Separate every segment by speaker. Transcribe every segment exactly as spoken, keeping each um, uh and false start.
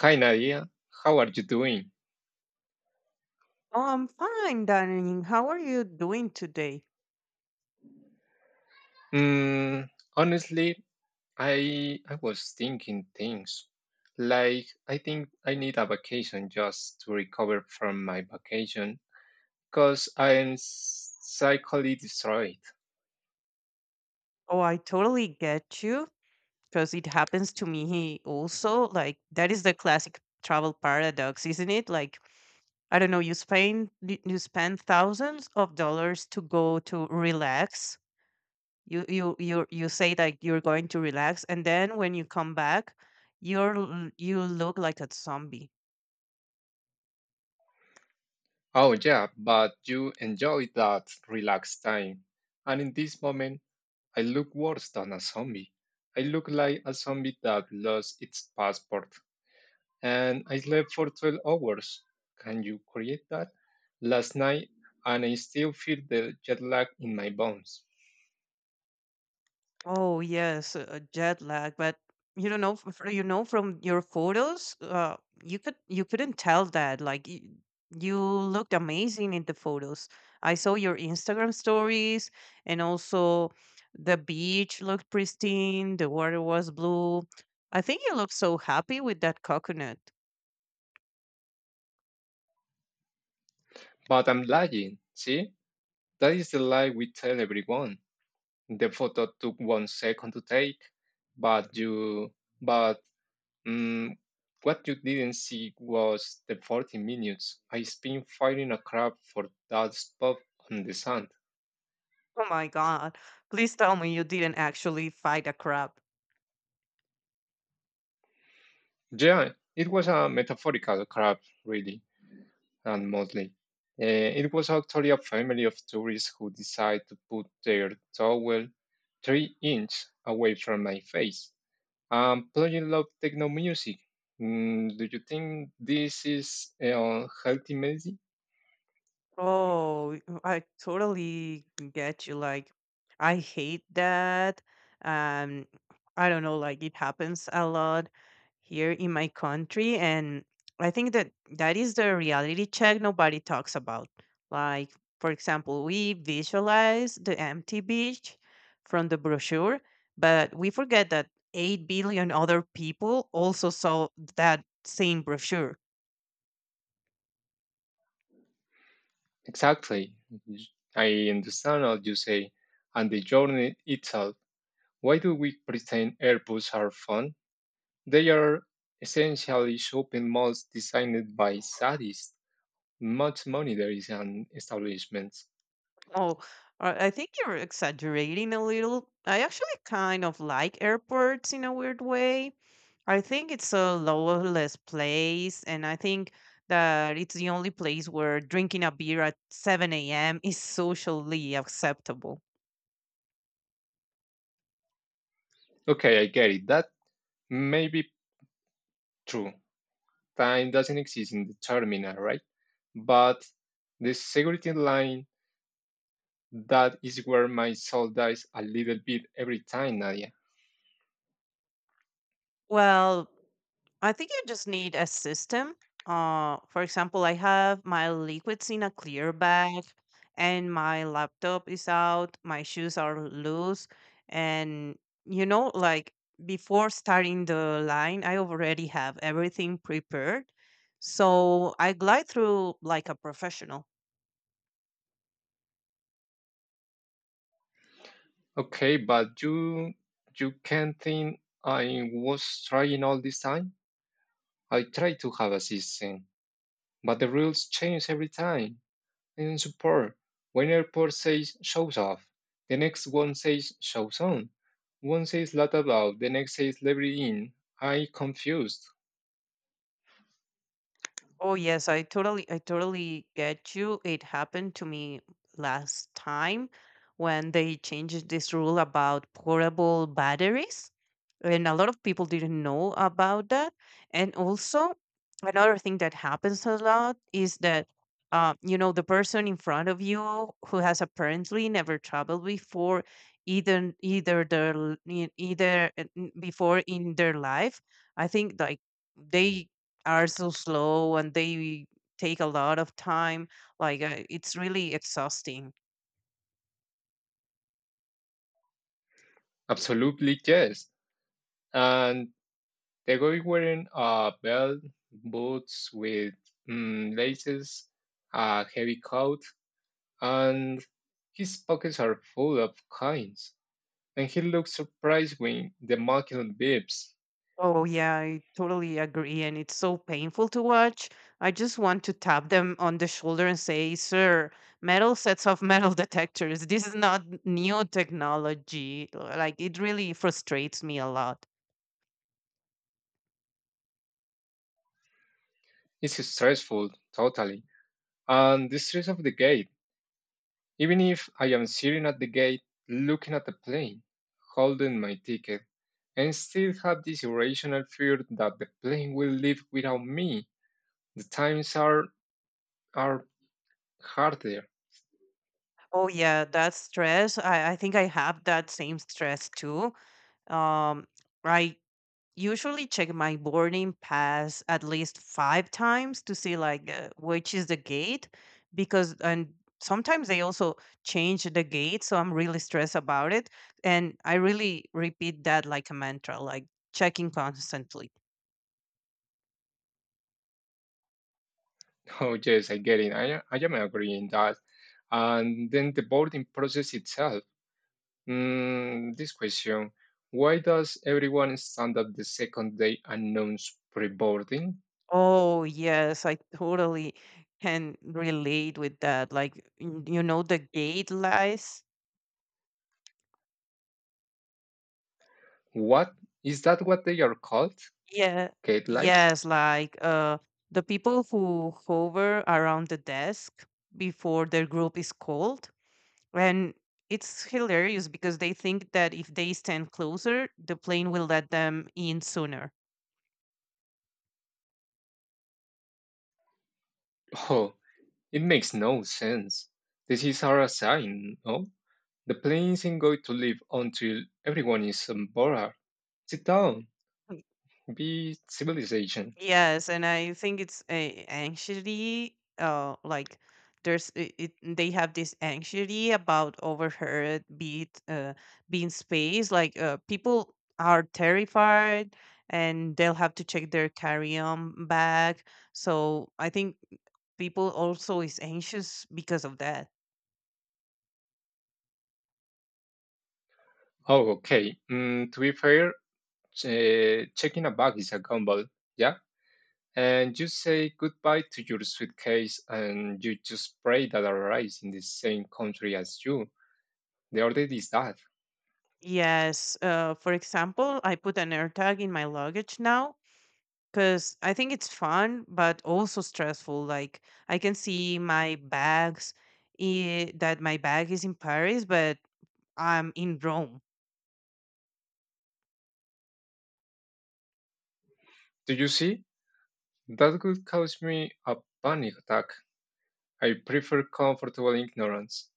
Speaker 1: Hi Nadia, how are you doing?
Speaker 2: Oh, I'm fine, darling. How are you doing today?
Speaker 1: Mm, honestly, I I was thinking things. Like I think I need a vacation just to recover from my vacation because I am psychically destroyed.
Speaker 2: Oh, I totally get you because it happens to me also. Like that is the classic travel paradox, isn't it? Like I don't know, you spend you you spend thousands of dollars to go to relax. You you you you say like you're going to relax, and then when you come back, you're l- you look like a zombie.
Speaker 1: Oh yeah, but you enjoy that relaxed time. And in this moment, I look worse than a zombie. I look like a zombie that lost its passport and I slept for twelve hours. Can you create that? Last night, and I still feel the jet lag in my bones.
Speaker 2: Oh yes, uh, jet lag. But you don't know, f- you know from your photos, uh, you could you couldn't tell that. Like you, you looked amazing in the photos. I saw your Instagram stories, and also the beach looked pristine. The water was blue. I think you looked so happy with that coconut.
Speaker 1: But I'm lying, see? That is the lie we tell everyone. The photo took one second to take, but you, but mm, what you didn't see was the forty minutes I spent firing a crab for that spot on the sand.
Speaker 2: Oh my god! Please tell me you didn't actually fight a crab.
Speaker 1: Yeah, it was a metaphorical crab, really. And Motley. Uh, it was actually a family of tourists who decided to put their towel three inches away from my face. I'm playing loud techno music. Mm, do you think this is uh, healthy medicine?
Speaker 2: Oh, I totally get you. Like, I hate that. Um, I don't know, like it happens a lot here in my country, and I think that that is the reality check nobody talks about. Like, for example, we visualize the empty beach from the brochure, but we forget that 8 billion other people also saw that same brochure.
Speaker 1: Exactly. I understand what you say, and the journey itself. Why do we pretend airports are fun? They are essentially shopping malls designed by sadists. Much money there is on establishments.
Speaker 2: Oh, uh, I think you're exaggerating a little. I actually kind of like airports in a weird way. I think it's a lawless place, and I think that it's the only place where drinking a beer at seven a m is socially acceptable.
Speaker 1: Okay, I get it. That may be true. Time doesn't exist in the terminal, right? But the security line, that is where my soul dies a little bit every time, Nadia.
Speaker 2: Well, I think you just need a system. Uh, for example, I have my liquids in a clear bag, and my laptop is out. My shoes are loose, and you know, like before starting the line, I already have everything prepared, so I glide through like a professional.
Speaker 1: Okay, but you you can not think I was trying all this time? I tried to have a system, but the rules change every time. And support. One airport says shows off, the next one says shows on, one says lot about, the next says liberty in. I confused.
Speaker 2: Oh yes, I totally I totally get you. It happened to me last time when they changed this rule about portable batteries. And a lot of people didn't know about that. And also another thing that happens a lot is that uh, you know, the person in front of you who has apparently never traveled before, either either their l- e- either uh, n- before in their life, I think like they are so slow and they take a lot of time. Like uh, it's really exhausting.
Speaker 1: Absolutely yes. And the guy wearing a belt, boots with mm, laces, a heavy coat, and his pockets are full of coins. And he looks surprised when the machine beeps.
Speaker 2: Oh yeah, I totally agree, and it's so painful to watch. I just want to tap them on the shoulder and say, "Sir, metal sets off metal detectors. This is not new technology." Like it really frustrates me a lot.
Speaker 1: It's stressful, totally. And the stress of the gate. Even if I am sitting at the gate looking at the plane, holding my ticket, and still have this irrational fear that the plane will leave without me, the times are, are harder.
Speaker 2: Oh yeah, that stress. I, I think I have that same stress too. Um, I usually check my boarding pass at least five times to see like uh, which is the gate, because and sometimes they also change the gate, so I'm really stressed about it. And I really repeat that like a mantra, like checking constantly.
Speaker 1: Oh, yes, I get it. I, I am agreeing that. And then the boarding process itself. Mm, this question. Why does everyone stand up the second day announce pre boarding?
Speaker 2: Oh yes, I totally can relate with that. Like, n- you know, the gate lies.
Speaker 1: What is that what they are called?
Speaker 2: Yeah.
Speaker 1: Gate lights?
Speaker 2: Yes, like uh the people who hover around the desk before their group is called. And it's hilarious because they think that if they stand closer, the plane will let them in sooner.
Speaker 1: It makes no sense. This is our sign, no? The plane isn't going to live until everyone is on board. Sit down, be civilization.
Speaker 2: Yes, and I think it's a anxiety. Uh, like there's it, it, they have this anxiety about overheard beat uh being space. Like uh, people are terrified, and they'll have to check their carry-on bag. So I think people also is anxious because of that.
Speaker 1: Oh, okay. Mm, to be fair, uh, checking a bag is a gamble, yeah? And you say goodbye to your suitcase and you just pray that arrives in the same country as you. The order is that.
Speaker 2: Yes. Uh, for example, I put an AirTag in my luggage now because I think it's fun, but also stressful. Like I can see my bags i- that my bag is in Paris, but I'm in Rome.
Speaker 1: Do you see? That could cause me a panic attack. I prefer comfortable ignorance.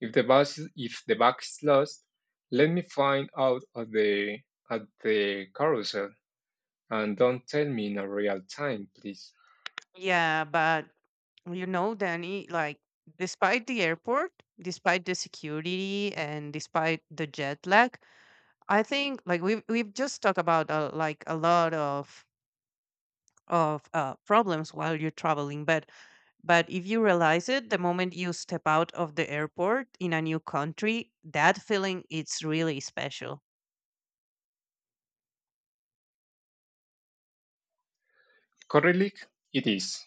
Speaker 1: If the bus if the bag is lost, let me find out at the at the carousel and don't tell me in a real time, please.
Speaker 2: Yeah, but you know, Danny, like despite the airport, despite the security, and despite the jet lag, I think like we've we've just talked about uh, like a lot of of uh, problems while you're traveling. But but if you realize it, the moment you step out of the airport in a new country, that feeling it's really special.
Speaker 1: Correlate it is.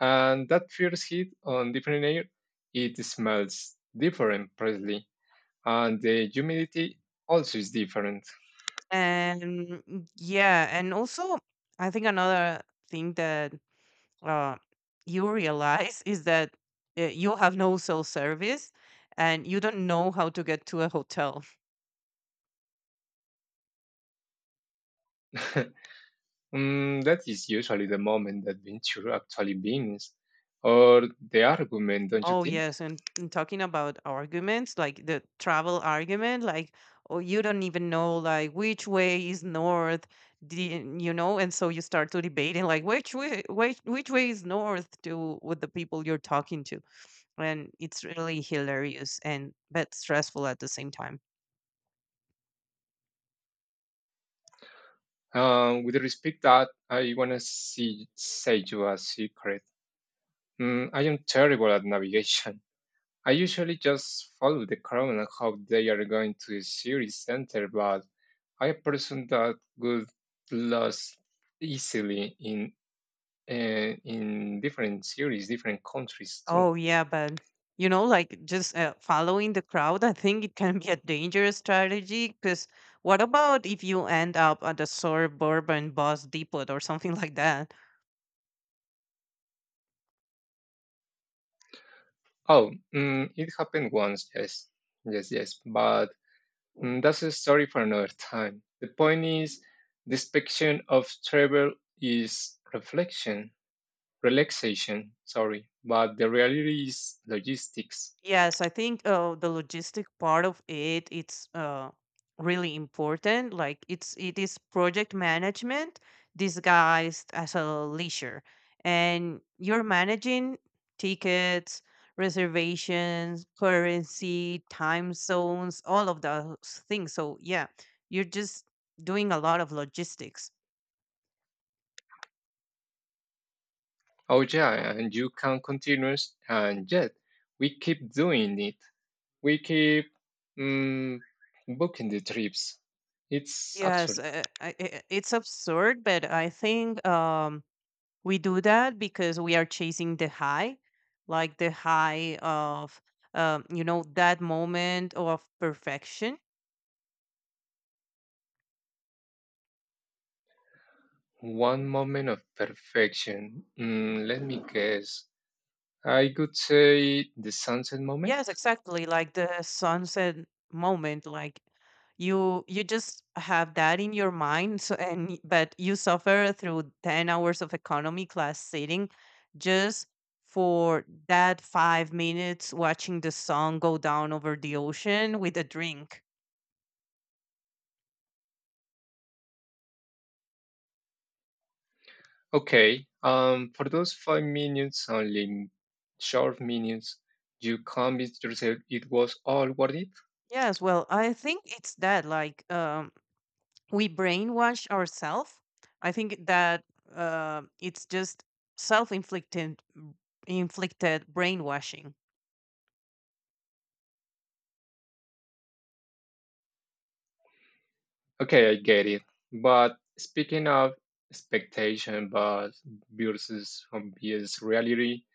Speaker 1: And that first heat on different air, it smells different, probably, and the humidity also is different.
Speaker 2: And mm, yeah, and also I think another thing that uh, you realize is that uh, you have no cell service and you don't know how to get to a hotel.
Speaker 1: Mm, that is usually the moment that venture actually begins, or the argument, don't you
Speaker 2: Oh
Speaker 1: think?
Speaker 2: yes, and, and talking about arguments, like the travel argument, like oh you don't even know like which way is north, the- you know, and so you start to debating like which way which which way is north to with the people you're talking to, and it's really hilarious and but stressful at the same time.
Speaker 1: Um, with respect that, I wanna see, say you a secret. Mm, I am terrible at navigation. I usually just follow the crowd and hope they are going to a serious center, but I am a person that could lose easily in uh, in different series, different countries too.
Speaker 2: Oh yeah, but you know, like just uh, following the crowd, I think it can be a dangerous strategy. Because what about if you end up at a suburban bus depot or something like that?
Speaker 1: Oh, mm, it happened once, yes, yes, yes, but mm, that's a story for another time. The point is, the spectrum of travel is reflection, relaxation, sorry, but the reality is logistics.
Speaker 2: Yes, I think uh, the logistic part of it it's uh, really important. Like it's it is project management disguised as a leisure, and you're managing tickets, reservations, currency, time zones, all of those things. So yeah, you're just doing a lot of logistics.
Speaker 1: Oh yeah, and you can continue, s- and yet we keep doing it. We keep mm, booking the trips. It's absurd.
Speaker 2: Yes, uh, I, I- it's absurd, but I think um, we do that because we are chasing the high, like the high of um, you know that moment of perfection.
Speaker 1: One moment of perfection. Mm, let me guess. I could say the sunset moment.
Speaker 2: Yes, exactly, like the sunset moment. Like you you just have that in your mind, so, and y- but you suffer through 10 hours of economy class sitting just for that 5 minutes watching the sun go down over the ocean with a drink.
Speaker 1: Okay. Um, for those five minutes, only short minutes, you convinced yourself it was all worth it.
Speaker 2: Yes, well, I think it's that, like um we brainwash ourselves. I think that uh, it's just self-inflicted inflicted brainwashing.
Speaker 1: Okay, I get it. But speaking of expectation but versus obvious reality,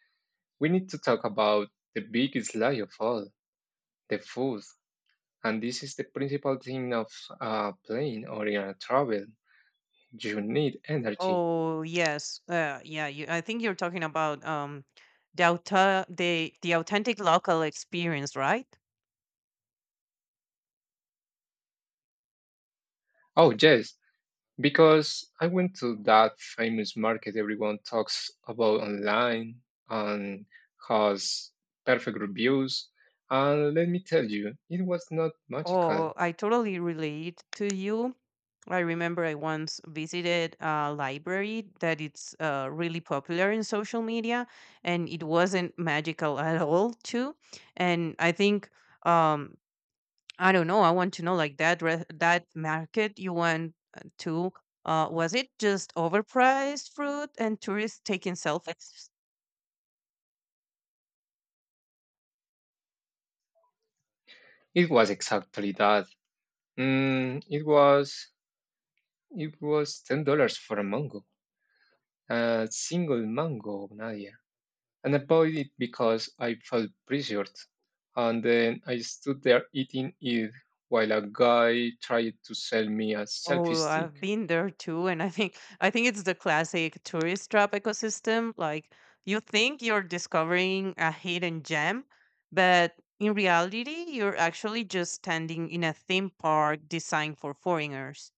Speaker 1: we need to talk about the biggest lie of all, the food. And this is the principal thing of a plane or in a travel. You need energy.
Speaker 2: Oh yes, uh, yeah. You, I think you're talking about um, the auto- the the authentic local experience, right?
Speaker 1: Oh yes, because I went to that famous market everyone talks about online and has perfect reviews. And let me tell you, it was not magical.
Speaker 2: Oh, I totally relate to you. I remember I once visited a library that it's uh, really popular in social media, and it wasn't magical at all, too. And I think um, I don't know. I want to know like that re- that market you went uh, to. Uh, was it just overpriced fruit and tourists taking selfies?
Speaker 1: It was exactly that. Mm, it was it was ten dollars for a mango, a single mango, Nadia. And I bought it because I felt pressured. And then I stood there eating it while a guy tried to sell me a selfie
Speaker 2: Oh, I've
Speaker 1: stick.
Speaker 2: been there too, and I think I think it's the classic tourist trap ecosystem. Like you think you're discovering a hidden gem, but in reality, you're actually just standing in a theme park designed for foreigners.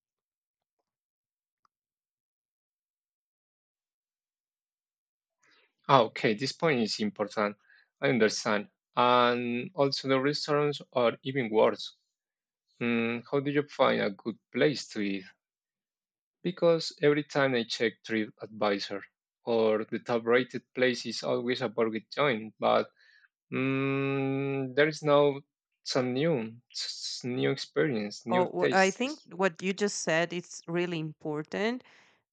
Speaker 1: Ah, okay, this point is important. I understand. And also, the restaurants are even worse. Mm, how do you find a good place to eat? Because every time I check TripAdvisor, or the top rated place is always a burger joint, but mm, there is now some new, s- new experience, new
Speaker 2: Oh, wh- I think
Speaker 1: tastes.
Speaker 2: what you just said is really important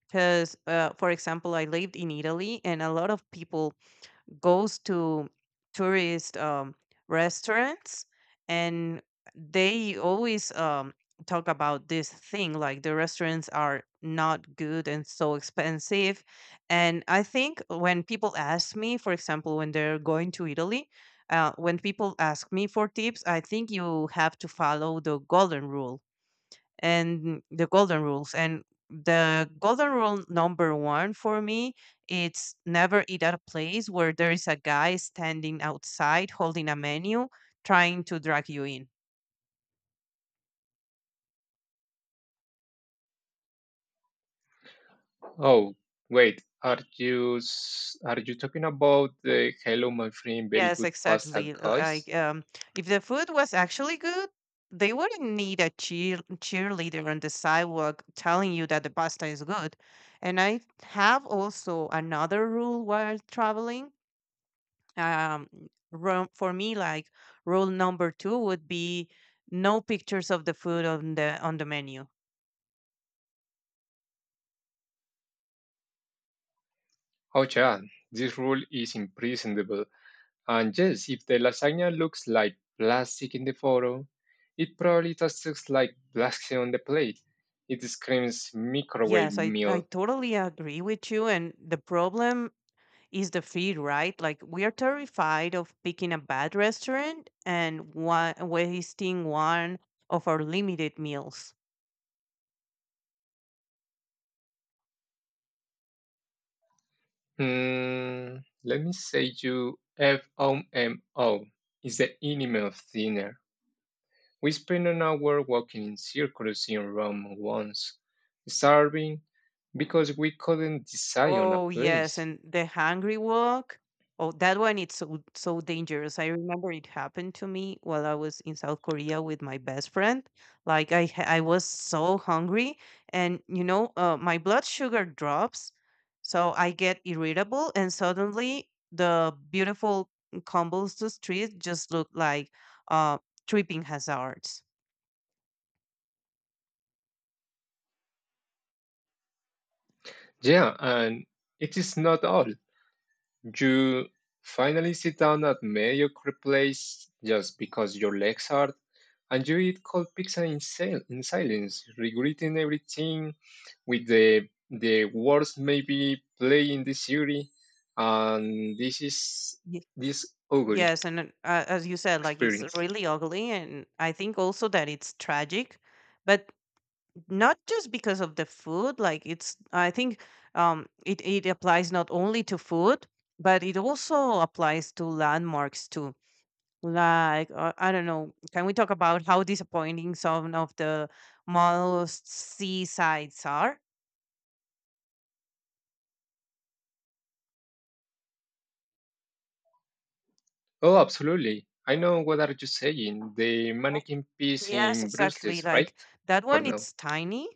Speaker 2: because uh, for example, I lived in Italy and a lot of people goes to tourist um, restaurants, and they always um, talk about this thing like the restaurants are not good and so expensive. And I think when people ask me, for example, when they're going to Italy, uh, when people ask me for tips, I think you have to follow the golden rule. And the golden rules and the golden rule number one for me, it's never eat at a place where there is a guy standing outside holding a menu trying to drag you in.
Speaker 1: Oh, wait, are you s- are you talking about the "Hello, my friend, very
Speaker 2: Yes,
Speaker 1: good pasta"
Speaker 2: exactly. Uh,
Speaker 1: guys?
Speaker 2: like, um if the food was actually good, they wouldn't need a cheer cheerleader on the sidewalk telling you that the pasta is good. And I have also another rule while traveling. um ro- for me, like, rule number two would be no pictures of the food on the on the menu
Speaker 1: Oh, yeah, this rule is imprescindible. And yes, if the lasagna looks like plastic in the photo, it probably tastes like plastic on the plate. It screams microwave
Speaker 2: yes, i i
Speaker 1: meal.
Speaker 2: totally agree with you, and the problem is the feed, right? Like we are terrified of picking a bad restaurant and wa- wasting one of our limited meals.
Speaker 1: Hmm, let me say you FOMO is the enemy of dinner. We spent an hour walking in circles in Rome once, starving because we couldn't decide on a
Speaker 2: Oh yes,
Speaker 1: place.
Speaker 2: and the hungry walk. Oh, that one it's so so dangerous. I remember it happened to me while I was in South Korea with my best friend. Like I ha- I was so hungry, and you know, uh, my blood sugar drops, so I get irritable, and suddenly the beautiful combos to street just look like uh tripping hazards.
Speaker 1: Yeah, and it is not all. You finally sit down at Mayo Creek Place just because your legs hurt, and you eat cold pizza in, sil- in silence, regretting everything with the the worst maybe play in the series, and this is
Speaker 2: Ye-
Speaker 1: this ugly
Speaker 2: Yes, and uh, as you said, like it's
Speaker 1: experience.
Speaker 2: really ugly, and I think also that it's tragic, but not just because of the food. Like it's I think um it, it applies not only to food, but it also applies to landmarks too. Like uh, I don't know, can we talk about how disappointing some of the most seasides are?
Speaker 1: Oh, absolutely. I know what are you saying. The
Speaker 2: Uh,
Speaker 1: mannequin piece
Speaker 2: yes,
Speaker 1: in Bruce Lee,
Speaker 2: exactly, like
Speaker 1: right?
Speaker 2: that
Speaker 1: Or
Speaker 2: one
Speaker 1: no?
Speaker 2: it's tiny,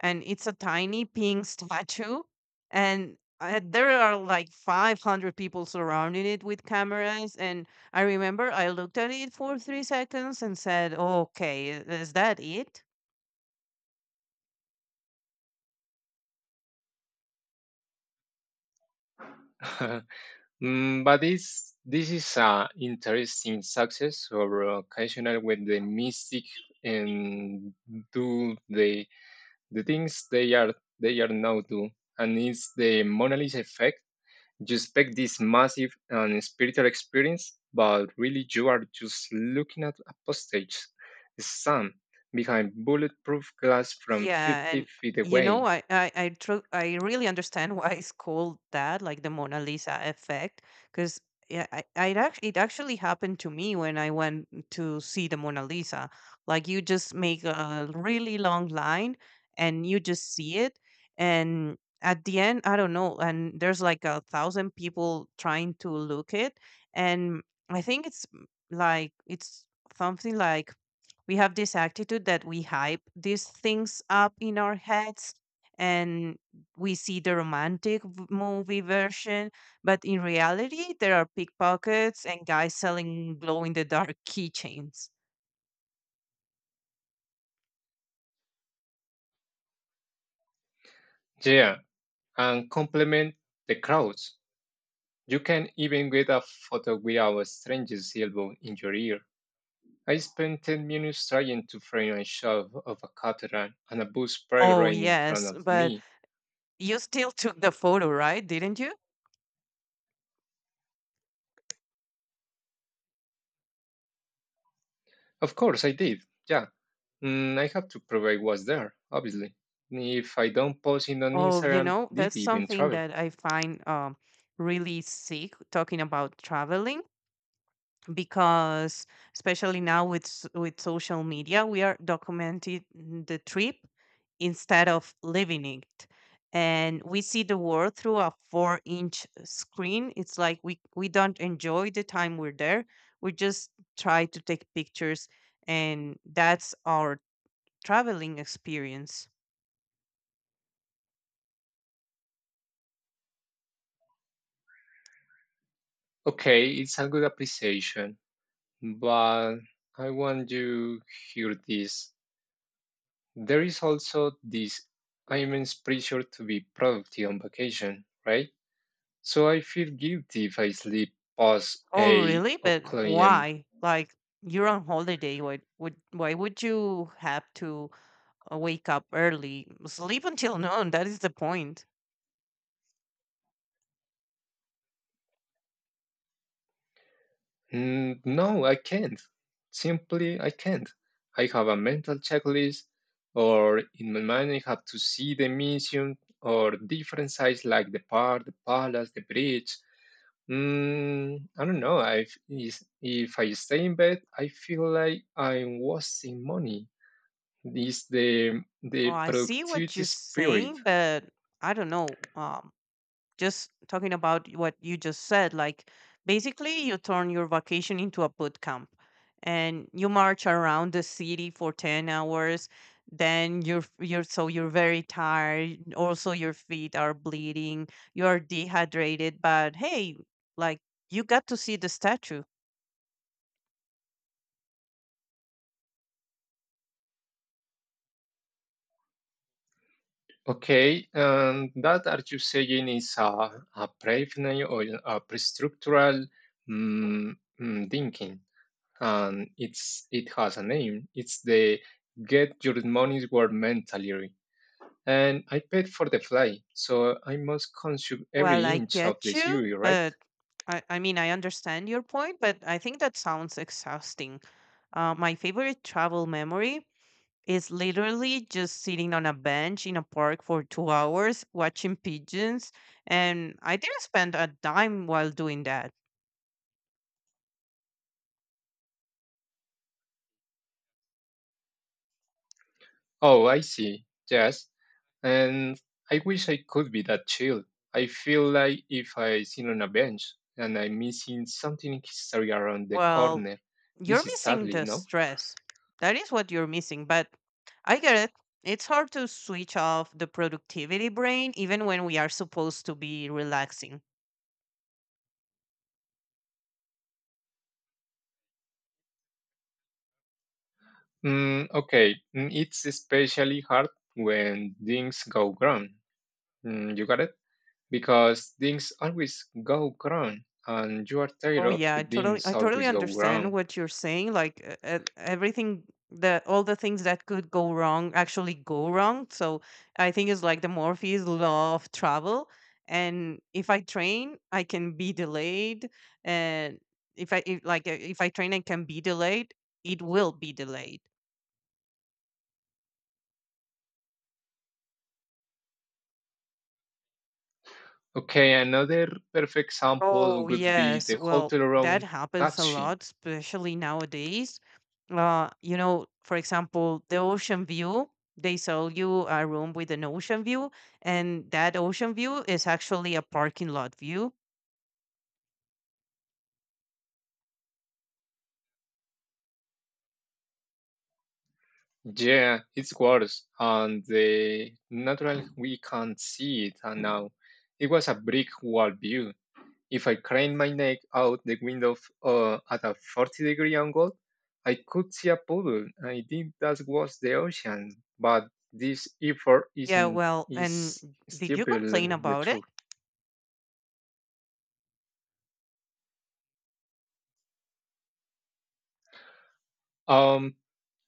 Speaker 2: and it's a tiny pink statue, and uh, there are like five hundred people surrounding it with cameras. And I remember I looked at it for three seconds and said, okay, is that it?
Speaker 1: Mm, but this this is an interesting success or occasional when the mystic and do the the things they are they are now do and it's the Mona Lisa effect. You expect this massive and spiritual experience, but really you are just looking at a postage stamp behind bulletproof glass from
Speaker 2: Yeah,
Speaker 1: fifty
Speaker 2: and
Speaker 1: feet
Speaker 2: you know,
Speaker 1: away.
Speaker 2: I I I, tru- I really understand why it's called that, like the Mona Lisa effect, because yeah, I, I actually it actually happened to me when I went to see the Mona Lisa. Like you just make a really long line, and you just see it, and at the end, I don't know, and there's like a thousand people trying to look it, and I think it's mm, like it's something like we have this attitude that we hype these things up in our heads and we see the romantic v- movie version, but in reality there are pickpockets and guys selling glow in the dark keychains.
Speaker 1: Yeah, and complement the crowds. You can even get a photo with our stranger's elbow in your ear. I spent ten minutes trying to frame a shot of a cataract and a bus parked
Speaker 2: Oh
Speaker 1: right in front
Speaker 2: yes,
Speaker 1: of
Speaker 2: but
Speaker 1: me.
Speaker 2: you still took the photo, right, didn't you?
Speaker 1: Of course, I did. Yeah. Mm, I have to prove I was there, obviously. If I don't post it on
Speaker 2: Oh, you
Speaker 1: Instagram,
Speaker 2: know, that's
Speaker 1: did even
Speaker 2: something
Speaker 1: travel?
Speaker 2: that I find um really sick talking about traveling, because especially now with s- with social media we are documenting the trip instead of living it, and we see the world through a four inch screen. It's like we we don't enjoy the time we're there, we just try to take pictures, and that's our traveling experience.
Speaker 1: Okay, it's a good appreciation, but I want you hear this. There is also this immense pressure to be productive on vacation, right? So I feel guilty if I sleep past
Speaker 2: Oh
Speaker 1: eight
Speaker 2: really, but
Speaker 1: o'clock a m.
Speaker 2: why? Like you're on holiday, why would why would you have to uh, wake up early? Sleep until noon. That is the point.
Speaker 1: Mm, No, I can't. Simply, I can't. I have a mental checklist, or in my mind, I have to see the mission or different sites like the park, the palace, the bridge. Mm, I don't know. I, if if I stay in bed, I feel like I'm wasting money is the,
Speaker 2: Oh,
Speaker 1: the
Speaker 2: I see what
Speaker 1: productivity
Speaker 2: you're
Speaker 1: spirit.
Speaker 2: saying, but I don't know. Um, just talking about what you just said, like basically you turn your vacation into a boot camp and you march around the city for ten hours, then you're f- you're so, you're very tired, also your feet are bleeding, you're dehydrated, but hey, like, you got to see the statue.
Speaker 1: Okay, and that are you saying is a, a preliminary or a pre-structural mm, mm, thinking? And it's it has a name. It's the Get Your Money's Worth mentality. And I paid for the flight, so I must consume every
Speaker 2: Well, I
Speaker 1: inch of
Speaker 2: get
Speaker 1: the
Speaker 2: you,
Speaker 1: series, right?
Speaker 2: but I, I mean, I understand your point, but I think that sounds exhausting. Uh, my favorite travel memory is literally just sitting on a bench in a park for two hours watching pigeons, and I didn't spend a dime while doing that.
Speaker 1: Oh, I see. Yes. And I wish I could be that chill. I feel like if I sit on a bench and I'm missing something history around the
Speaker 2: Well,
Speaker 1: corner, this
Speaker 2: you're
Speaker 1: is
Speaker 2: missing
Speaker 1: sadly,
Speaker 2: the
Speaker 1: no?
Speaker 2: stress. That is what you're missing, but I get it. It's hard to switch off the productivity brain even when we are supposed to be relaxing.
Speaker 1: Mm, okay, Mm, it's especially hard when things go wrong. Mm, you got it? Because things always go wrong, and you are tired
Speaker 2: Oh
Speaker 1: of
Speaker 2: yeah,
Speaker 1: the
Speaker 2: I totally
Speaker 1: things
Speaker 2: I totally
Speaker 1: always go
Speaker 2: understand
Speaker 1: wrong.
Speaker 2: what you're saying. Like uh, uh, everything, the all the things that could go wrong actually go wrong. So I think it's like the Morpheus law of travel. And if I train, I can be delayed. And if I if, like uh, if I train and can be delayed, it will be delayed.
Speaker 1: Okay, another perfect example
Speaker 2: Oh,
Speaker 1: would be
Speaker 2: yes.
Speaker 1: the
Speaker 2: Well,
Speaker 1: hotel
Speaker 2: that
Speaker 1: room
Speaker 2: happens a
Speaker 1: catching.
Speaker 2: lot, especially nowadays. Uh, you know, for example, the ocean view, they sell you a room with an ocean view, and that ocean view is actually a parking lot view.
Speaker 1: Yeah, it's worse, and the natural we can't see it, and now it was a brick wall view. If I craned my neck out the window f- uh, at a forty degree angle, I could see a puddle. I think that was the ocean, but this effort is
Speaker 2: Yeah,
Speaker 1: in
Speaker 2: well, and
Speaker 1: is
Speaker 2: did
Speaker 1: still
Speaker 2: you
Speaker 1: below
Speaker 2: complain
Speaker 1: the
Speaker 2: about it?
Speaker 1: truth. Um,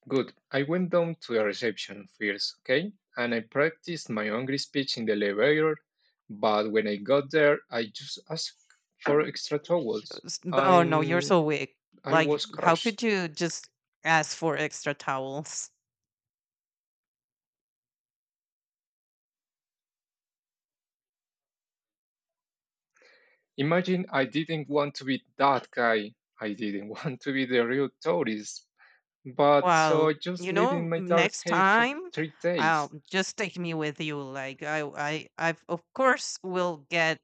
Speaker 1: Good. I went down to the reception first, okay, and I practiced my angry speech in the elevator. But when I got there, I just asked for extra towels,
Speaker 2: S- b- Oh, no, you're
Speaker 1: and
Speaker 2: so weak.
Speaker 1: I
Speaker 2: Like,
Speaker 1: was
Speaker 2: how could
Speaker 1: crushed.
Speaker 2: you just ask for extra towels?
Speaker 1: Imagine I didn't want to be that guy. I didn't want to be the real tourist. But so I
Speaker 2: Well,
Speaker 1: just
Speaker 2: you
Speaker 1: lived in
Speaker 2: know,
Speaker 1: my dark
Speaker 2: next
Speaker 1: cave for
Speaker 2: time,
Speaker 1: three days.
Speaker 2: um, just take me with you. Like I, I, I've of course will get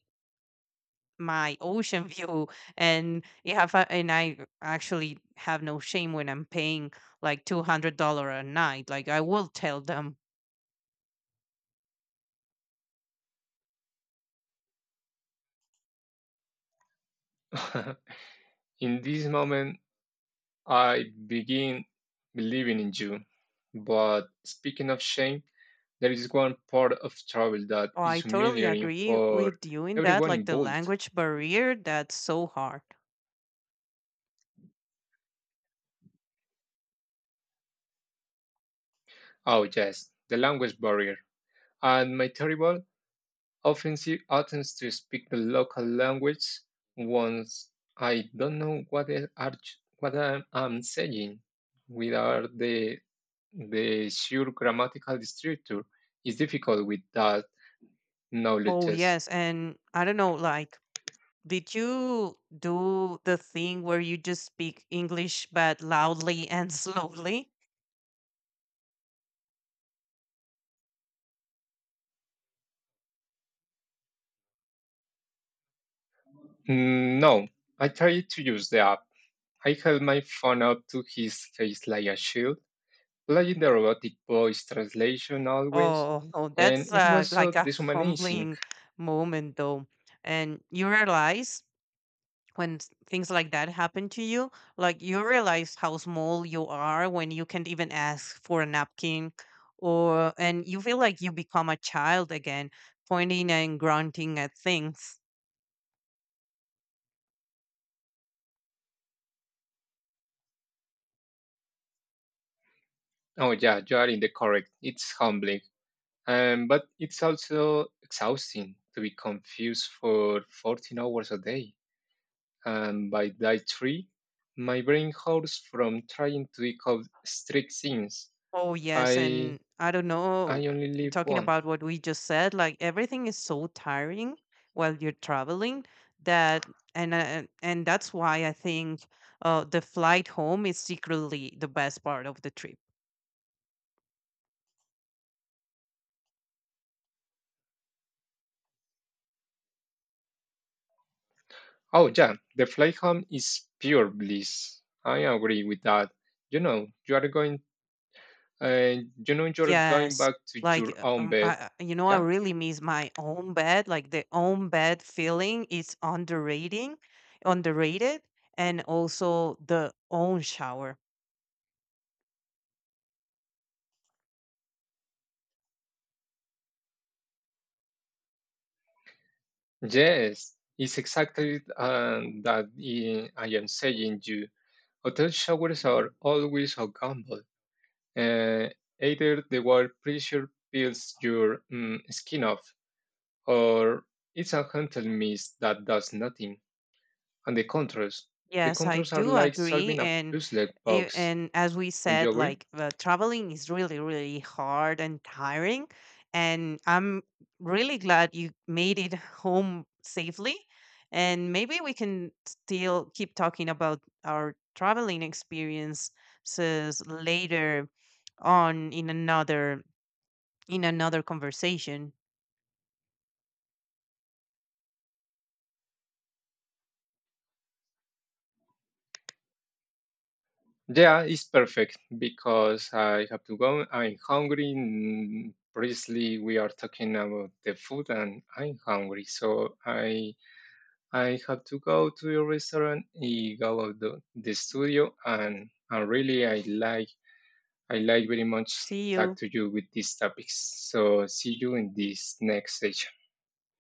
Speaker 2: my ocean view, and you have, a- and I actually have no shame when I'm paying like two hundred dollar a night. Like I will tell them.
Speaker 1: In this moment, I begin believing in you. But speaking of shame, there is one part of travel that
Speaker 2: Oh, I
Speaker 1: is
Speaker 2: totally
Speaker 1: humiliating
Speaker 2: agree
Speaker 1: for
Speaker 2: with you in that.
Speaker 1: everyone
Speaker 2: Like the
Speaker 1: involved.
Speaker 2: language barrier, that's so hard.
Speaker 1: Oh, yes, the language barrier. And my terrible offensive attempts to speak the local language once I don't know what, I- are, what I'm, saying without the, the sure grammatical structure is difficult without
Speaker 2: Oh
Speaker 1: knowledges.
Speaker 2: yes, and I don't know, like, did you do the thing where you just speak English but loudly and slowly?
Speaker 1: Mm, No, I tried to use the app. I held my phone up to his face like a shield, playing the robotic voice translation always,
Speaker 2: Oh, oh,
Speaker 1: and
Speaker 2: that's
Speaker 1: it
Speaker 2: uh,
Speaker 1: was so
Speaker 2: like a
Speaker 1: dishumanizing.
Speaker 2: humbling moment, though. And you realize when s- things like that happen to you, like you realize how small you are when you can't even ask for a napkin, or and you feel like you become a child again, pointing and grunting at things.
Speaker 1: Oh, yeah, you are in the correct. It's humbling, um, but it's also exhausting to be confused for fourteen hours a day. And by day three, my brain hurts from trying to decode strict things.
Speaker 2: Oh, yes.
Speaker 1: I
Speaker 2: And I don't
Speaker 1: I
Speaker 2: know,
Speaker 1: only live
Speaker 2: talking
Speaker 1: one.
Speaker 2: about what we just said, like everything is so tiring while you're traveling, that, and uh, and that's why I think uh, the flight home is secretly the best part of the trip.
Speaker 1: Oh, yeah, the flight home is pure bliss. I agree with that. You know, you are going, uh, you know, you're going
Speaker 2: Yes.
Speaker 1: back to your
Speaker 2: Like, uh,
Speaker 1: own
Speaker 2: um,
Speaker 1: bed.
Speaker 2: I, I- you know, I
Speaker 1: Yeah.
Speaker 2: really miss my own bed. Like the own bed feeling is underrating, underrated, and also the own shower.
Speaker 1: Yes, it's exactly uh, that I I am saying you. Hotel showers are always a gamble. Uh, Either the water pressure peels your mm, skin off, or it's a gentle mist that does nothing. And the controls. The
Speaker 2: Yes, I
Speaker 1: controls are
Speaker 2: do
Speaker 1: like
Speaker 2: agree,
Speaker 1: solving a
Speaker 2: and
Speaker 1: puzzle
Speaker 2: i-
Speaker 1: box.
Speaker 2: and as we
Speaker 1: Don't you
Speaker 2: said,
Speaker 1: agree?
Speaker 2: like uh, traveling is really, really hard and tiring, and I'm really glad you made it home safely. And maybe we can still keep talking about our traveling experiences later on, in another in another conversation.
Speaker 1: Yeah, it's perfect because I have to go. I'm hungry. mm, Previously, we are talking about the food, and I'm hungry, so I I have to go to your restaurant. I go out the, the studio, and and really, I like I like very much
Speaker 2: See
Speaker 1: talk
Speaker 2: you.
Speaker 1: to you with these topics. So see you in this next session.